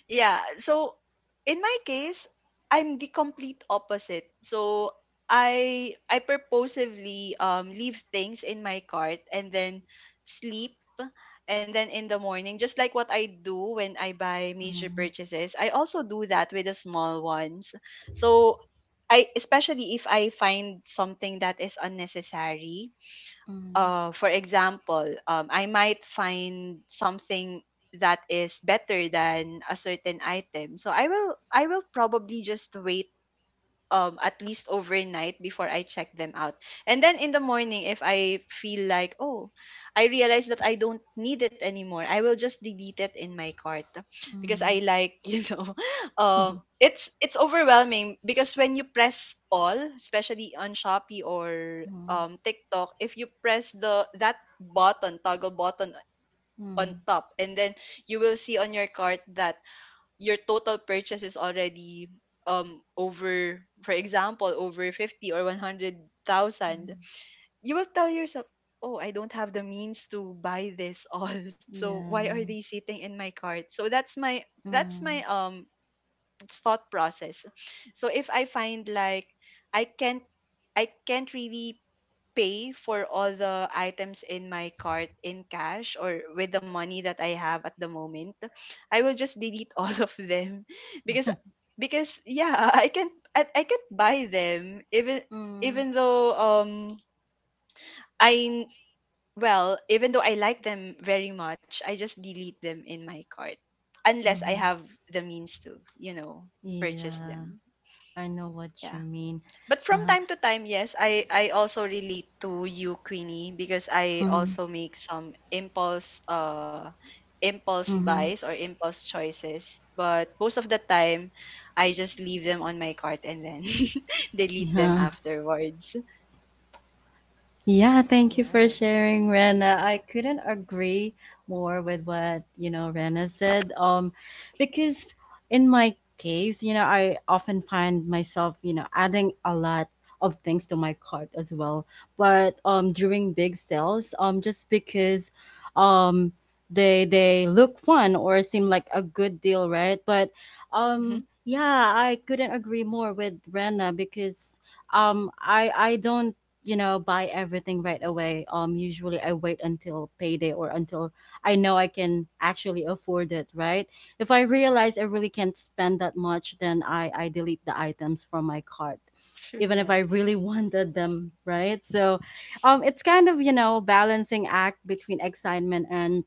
yeah. So in my case, I'm the complete opposite. So I purposively leave things in my cart and then sleep and then in the morning, just like what I do when I buy major Mm-hmm. purchases, I also do that with the small ones. So I especially if I find something that is unnecessary, Mm-hmm. For example, I might find something that is better than a certain item. So I will probably just wait at least overnight before I check them out. And then in the morning, if I feel like, oh, I realize that I don't need it anymore, I will just delete it in my cart because you know, Mm-hmm. um it's it's overwhelming because when you press all, especially on Shopee or Mm-hmm. TikTok, if you press the that button, toggle button on Mm-hmm. top, and then you will see on your cart that your total purchase is already over, for example, over 50 or 100,000. You will tell yourself, oh, I don't have the means to buy this all. So why are they Yeah. sitting in my cart? So that's my Mm-hmm. Thought process. So if I find like i can't I can't really pay for all the items in my cart in cash or with the money that I have at the moment, I will just delete all of them, because yeah, I can't buy them, even though um I even though I like them very much, I just delete them in my cart unless I Mm-hmm. have the means to purchase Yeah, them. I know what you Yeah. mean. But from Uh-huh. time to time, yes, I also relate to you, Queenie, because I Mm-hmm. also make some impulse Mm-hmm. buys or impulse choices. But most of the time, I just leave them on my cart and then delete them Yeah. afterwards. Yeah, thank you Yeah. for sharing, Rena. I couldn't agree more with what, you know, Rena said. Because in my case, you know, I often find myself, you know, adding a lot of things to my cart as well. But during big sales, just because um they look fun or seem like a good deal, right? But Mm-hmm. Yeah, I couldn't agree more with Rena because I don't, you know, buy everything right away. Usually I wait until payday or until I know I can actually afford it, right? If I realize I really can't spend that much, then I delete the items from my cart, True. even if Yeah. I really wanted them, right? So it's kind of, you know, balancing act between excitement and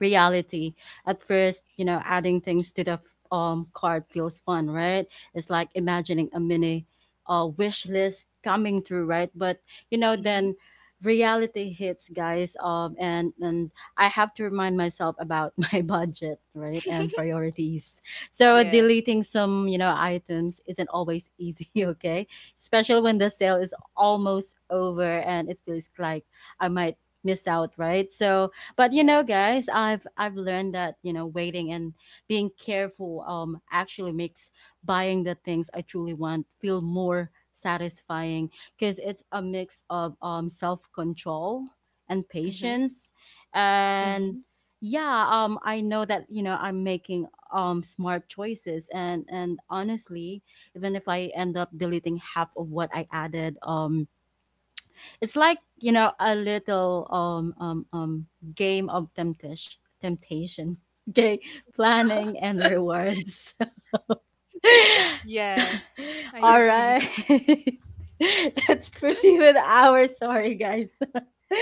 reality. At first, you know, adding things to the card feels fun, right? It's like imagining a mini wish list coming through, right? But you know, Mhm. then reality hits, guys. And I have to remind myself about my budget, right, and priorities. So Yes. deleting some, you know, items isn't always easy, okay, especially when the sale is almost over and it feels like I might miss out, right? So, but you Yeah. know, guys, I've learned that, you know, waiting and being careful actually makes buying the things I truly want feel more satisfying, because it's a mix of self control and Mhm. patience, and Mhm. yeah, I know that, you know, I'm making smart choices. And honestly, even if I end up deleting half of what I added, it's like, you know, a little game of temptation. Okay, planning and rewards. Yeah. I All right, agree. let's proceed with our sorry, guys. With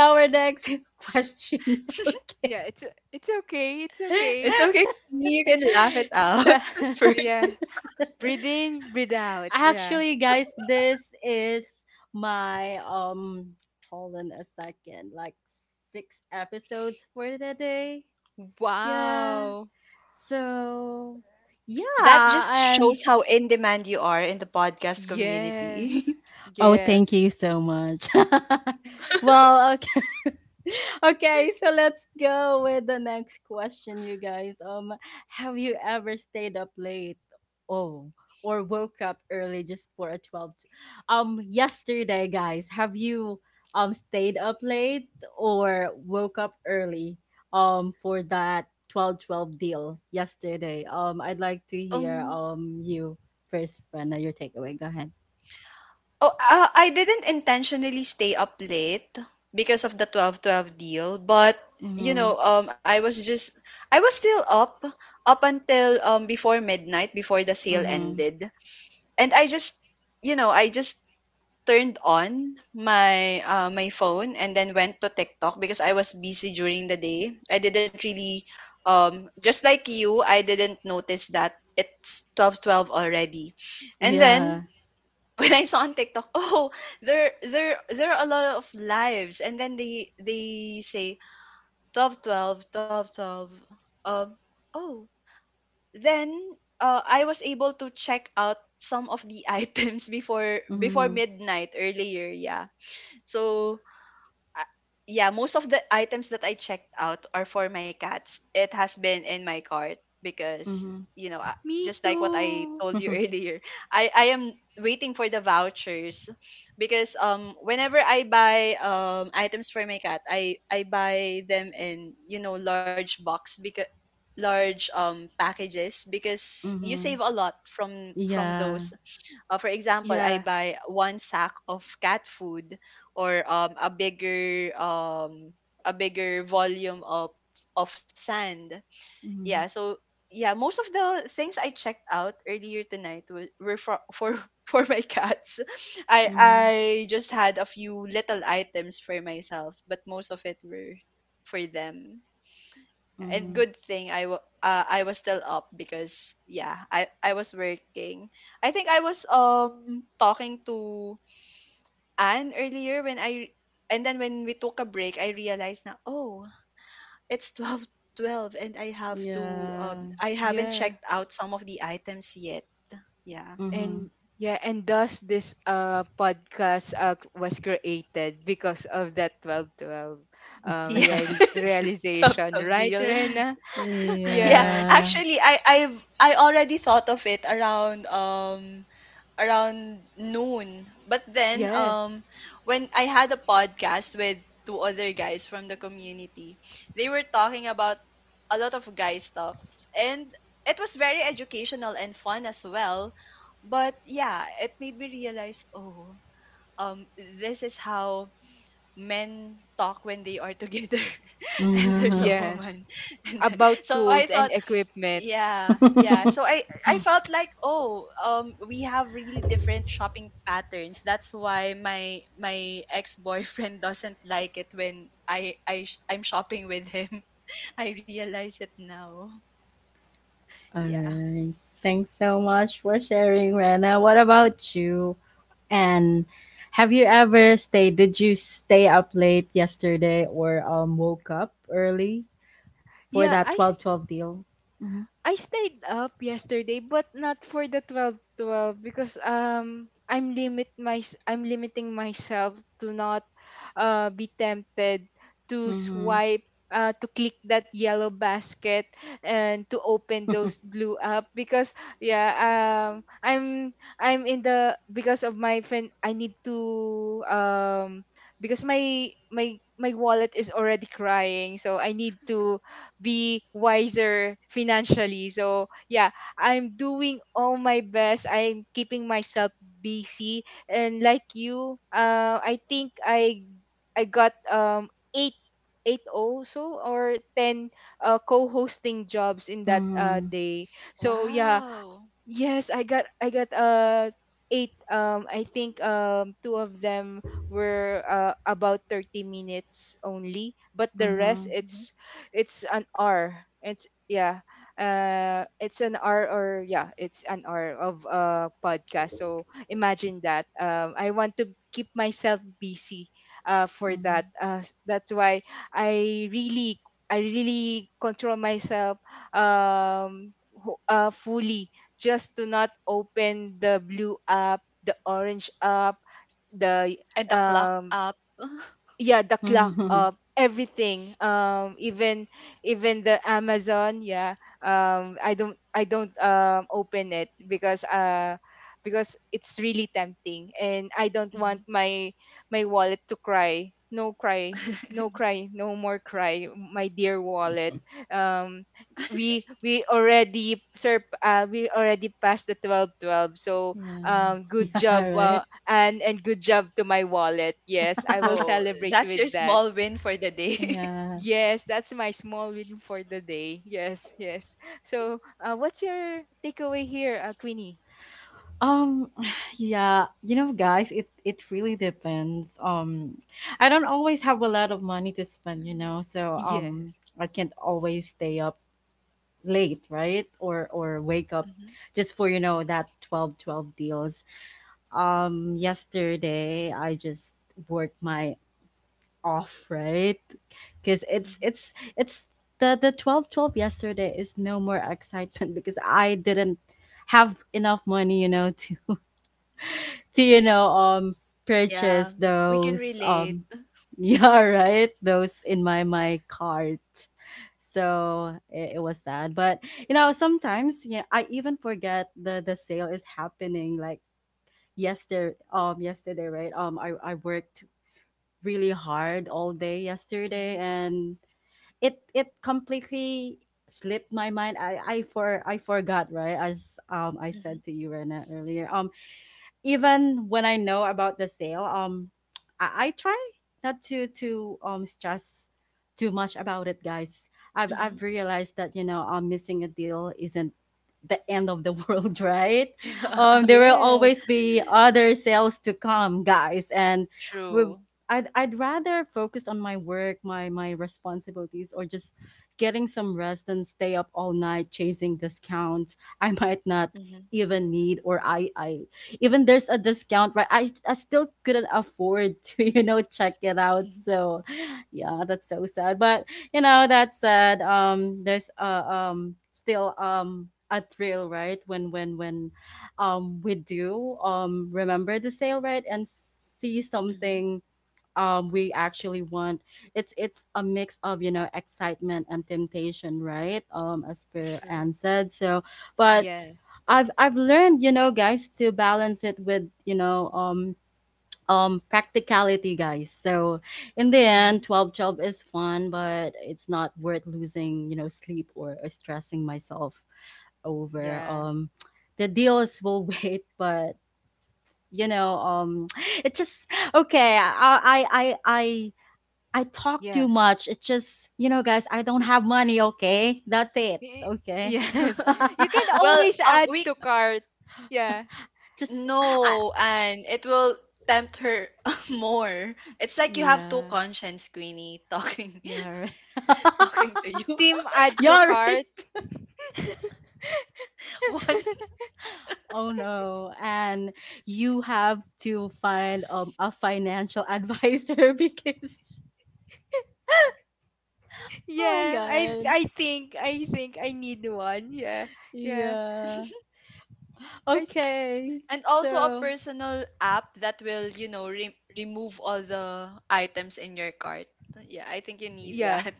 our next question, okay. Yeah, it's okay. It's okay. It's okay. You can laugh it out So first. Yeah. Breathe in, breathe out. Yeah. actually, guys, this is my hold on a second, like six episodes for the day. Yeah. Wow. So That yeah, just and shows how in demand you are in the podcast community. Yes. oh, thank Yes. you so much. Well, okay. Okay, so let's go with the next question, you guys. Have you ever stayed up late? Oh, or woke up early just for a 12 yesterday, guys. Have you stayed up late or woke up early for that 12 12 deal yesterday? I'd like to hear um. You first, Brenda, your takeaway. Go ahead. Oh, I didn't intentionally stay up late because of the 12.12 deal, but you know, um, I was just I was still up up until before midnight before the sale Mhm. ended, and I just you know I just turned on my my phone and then went to TikTok because I was busy during the day. I didn't really just like you, I didn't notice that it's 12:12 already. And Yeah. then when I saw on TikTok, oh, there are a lot of lives, and then they say 12.12, 12.12. um oh, then I was able to check out some of the items before Mhm. midnight earlier. Yeah. So, uh, yeah, most of the items that I checked out are for my cats. It has been in my cart because, Mhm. you know, uh, Me just like what I too. told you earlier, I am waiting for the vouchers because whenever I buy items for my cat, I buy them in large box because large packages because you save a Mhm. lot from from Yeah. those, for example, I Yeah. buy one sack of cat food or a bigger volume of sand. Yeah, Mhm. so yeah, most of the things I checked out earlier tonight were for for my cats. Mhm. I just had a few little items for myself, but most of it were for them, and Mhm. good thing I was still up because, yeah, I was working. I think I was talking to Anne earlier when I and then when we took a break I realized, na, oh, it's twelve twelve and Yeah. I haven't checked Yeah. out some of the items yet. Yeah. and Mhm. yeah and thus this podcast was created because of that 12/12 Yes. Tough, realization, tough right, deal. Rena? Yeah. Yes, Yeah. Actually, I already thought of it around noon. But then yes, when I had a podcast with two other guys from the community, they were talking about a lot of guy stuff, and it was very educational and fun as well. But yeah, it made me realize, oh, this is how men talk when they are together and there's a Mhm. yes. woman. And About so I tools thought, and equipment. yeah, yeah. So I I felt like, oh, we have really different shopping patterns. That's why my ex-boyfriend doesn't like it when I'm shopping with him. I realize it now. All Yeah. right. Thanks so much for sharing, Rena. What about you? And have you ever stayed? Did you stay up late yesterday or woke up early for Yeah. that 12 12 deal? I stayed up yesterday, but not for the 12 12 because I'm limiting myself to not be tempted to Mm-hmm. swipe — to click that yellow basket and to open Mm-hmm. those blue up. Because yeah, I'm in the — because of my fin — I need to because my wallet is already crying, so I need to be wiser financially. So yeah, I'm doing all my best. I'm keeping myself busy. And like you, I think I got eight eight also, or 10 co-hosting jobs in that day. So yeah. Wow. Yes, I got eight. I think two of them were about 30 minutes only, but the rest, Mhm, Mhm. it's an hour. It's — yeah. It's an hour, or yeah, it's an hour of podcast. So imagine that. I want to keep myself busy for that. mhm. That's why I really I really control myself fully, just to not open the blue app, the orange app, the — And the clock um up. yeah, the clock of everything, even the Amazon. Yeah. I don't open it, because it's really tempting and I don't want Mhm. my my wallet to cry. No cry, no cry, no more cry, my dear wallet. um we already passed the 12 12. So Yeah. Good job, Yeah, right. and good job to my wallet. Yes, I will Oh, celebrate that's your with that. small win for the day. Yeah. Yes, that's my small win for the day. Yes, yes. So, what's your takeaway here, Queenie? Um yeah, you know, guys, it really depends. I don't always have a lot of money to spend, you Mm, know. So Yes, I can't always stay up late, right? Or wake mhm, up just for, you know, that 12 12 deals. Yesterday I just worked my off, right? Because mhm. It's the 12 12 yesterday is no more excitement because I didn't have enough money, you know, to you know, Yeah, purchase we can those relate. Yeah, right, those in my cart. So it was sad, but you know, sometimes yeah, I even forget the sale is happening, like yesterday, yesterday, right? I worked really hard all day yesterday, Mhm, and it completely slipped my mind. I forgot, right? As I mhm, said to you, Rena, earlier. Even when I know about the sale, I try not to stress too much about it, guys. Mhm. I've realized that, you know, missing a deal isn't the end of the world, right? There will always yes, be other sales to come, guys, and we. True. I'd rather focus on my work, my responsibilities, or just getting some rest than stay up all night chasing discounts I might not Mhm, even need, or I even there's a discount, right? I still couldn't afford to you know, check it out. mhm, So yeah, that's so sad. But you know, that said, there's still a thrill, right, when we do remember the sale, right, and see mhm. something we actually want. It's a mix of, you know, excitement and temptation, right, as per True. and said. So but yeah, I've learned, you know, guys, to balance it with, you know, practicality, guys. So in the end, Mhm. 12 12 is fun, but it's not worth losing, you know, sleep, or stressing myself over. yeah, The deals will wait, but you know, it just okay, I talk too yeah, much. It just, you know, guys, I don't have money, okay? That's it. Y- Okay. yes. You can Well, always add we to cart. Yeah, Just I no, and it will tempt her more. It's like you have two yeah. conscience, Queenie, talking Yeah, right. talking to you. team add to Are cart. right. One. Oh no. And you have to find a financial advisor because oh my Yeah, I god. I think I think I need one. Yeah, yeah, Yeah. I, Okay. And also a So personal app that will, remove all the items in your cart. Yeah, I think you need yeah. that.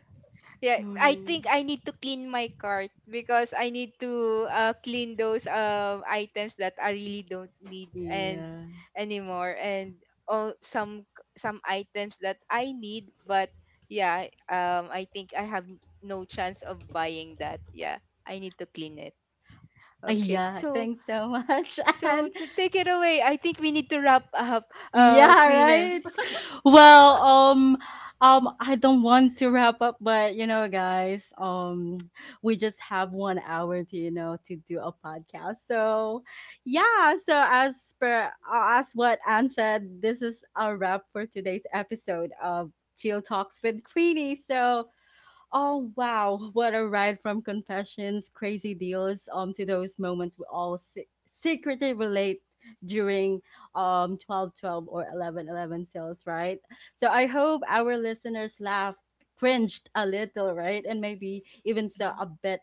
Yeah, I think mhm. I need to clean my cart because I need to clean those items that I really don't need and Yeah. anymore, and all — some — items that I need, but yeah, I think I have no chance of buying that. Yeah, I need to clean it. Okay. yeah, So thanks so much. so And to take it away, I think we need to wrap up, yeah, Queen. right. Well, I don't want to wrap up, but you know, guys, we just have 1 hour to, you know, to do a podcast. So yeah, so as per as what Anne said, this is a wrap for today's episode of Chill Talks with Queenie. So, oh wow, what a ride from confessions, crazy deals, to those moments we all secretly relate during 12 12 or 11 11 sales, right? So I hope our listeners laughed, cringed a little, right? And maybe even saw Mhm. a bit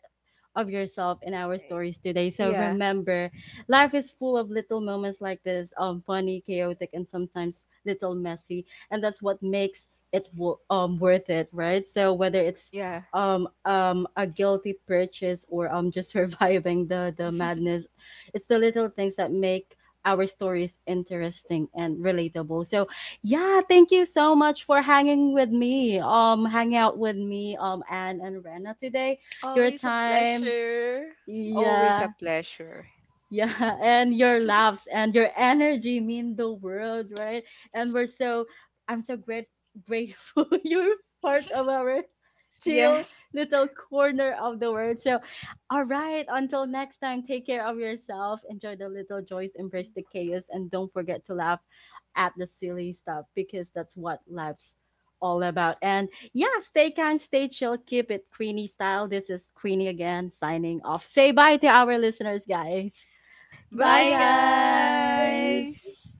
of yourself in our stories today. So Yeah, remember, life is full of little moments like this, funny, chaotic, and sometimes little messy, and that's what makes it worth it, right? So whether it's yeah. A guilty purchase or just surviving the madness, it's the little things that make our stories interesting and relatable. So yeah, thank you so much for hanging with me, Anne and Rena, today, your Always a time, pleasure. Always a yeah, pleasure. yeah, and your laughs and your energy mean the world, right? And we're so I'm so great grateful you're part of our chill Yes. little corner of the world. So all right, until next time, take care of yourself, enjoy the little joys, embrace the chaos, and don't forget to laugh at the silly stuff because that's what life's all about. And yeah, stay kind, stay chill, keep it Queenie style. This is Queenie again, signing off. Say bye to our listeners, guys. Bye, Bye, guys. Bye. guys.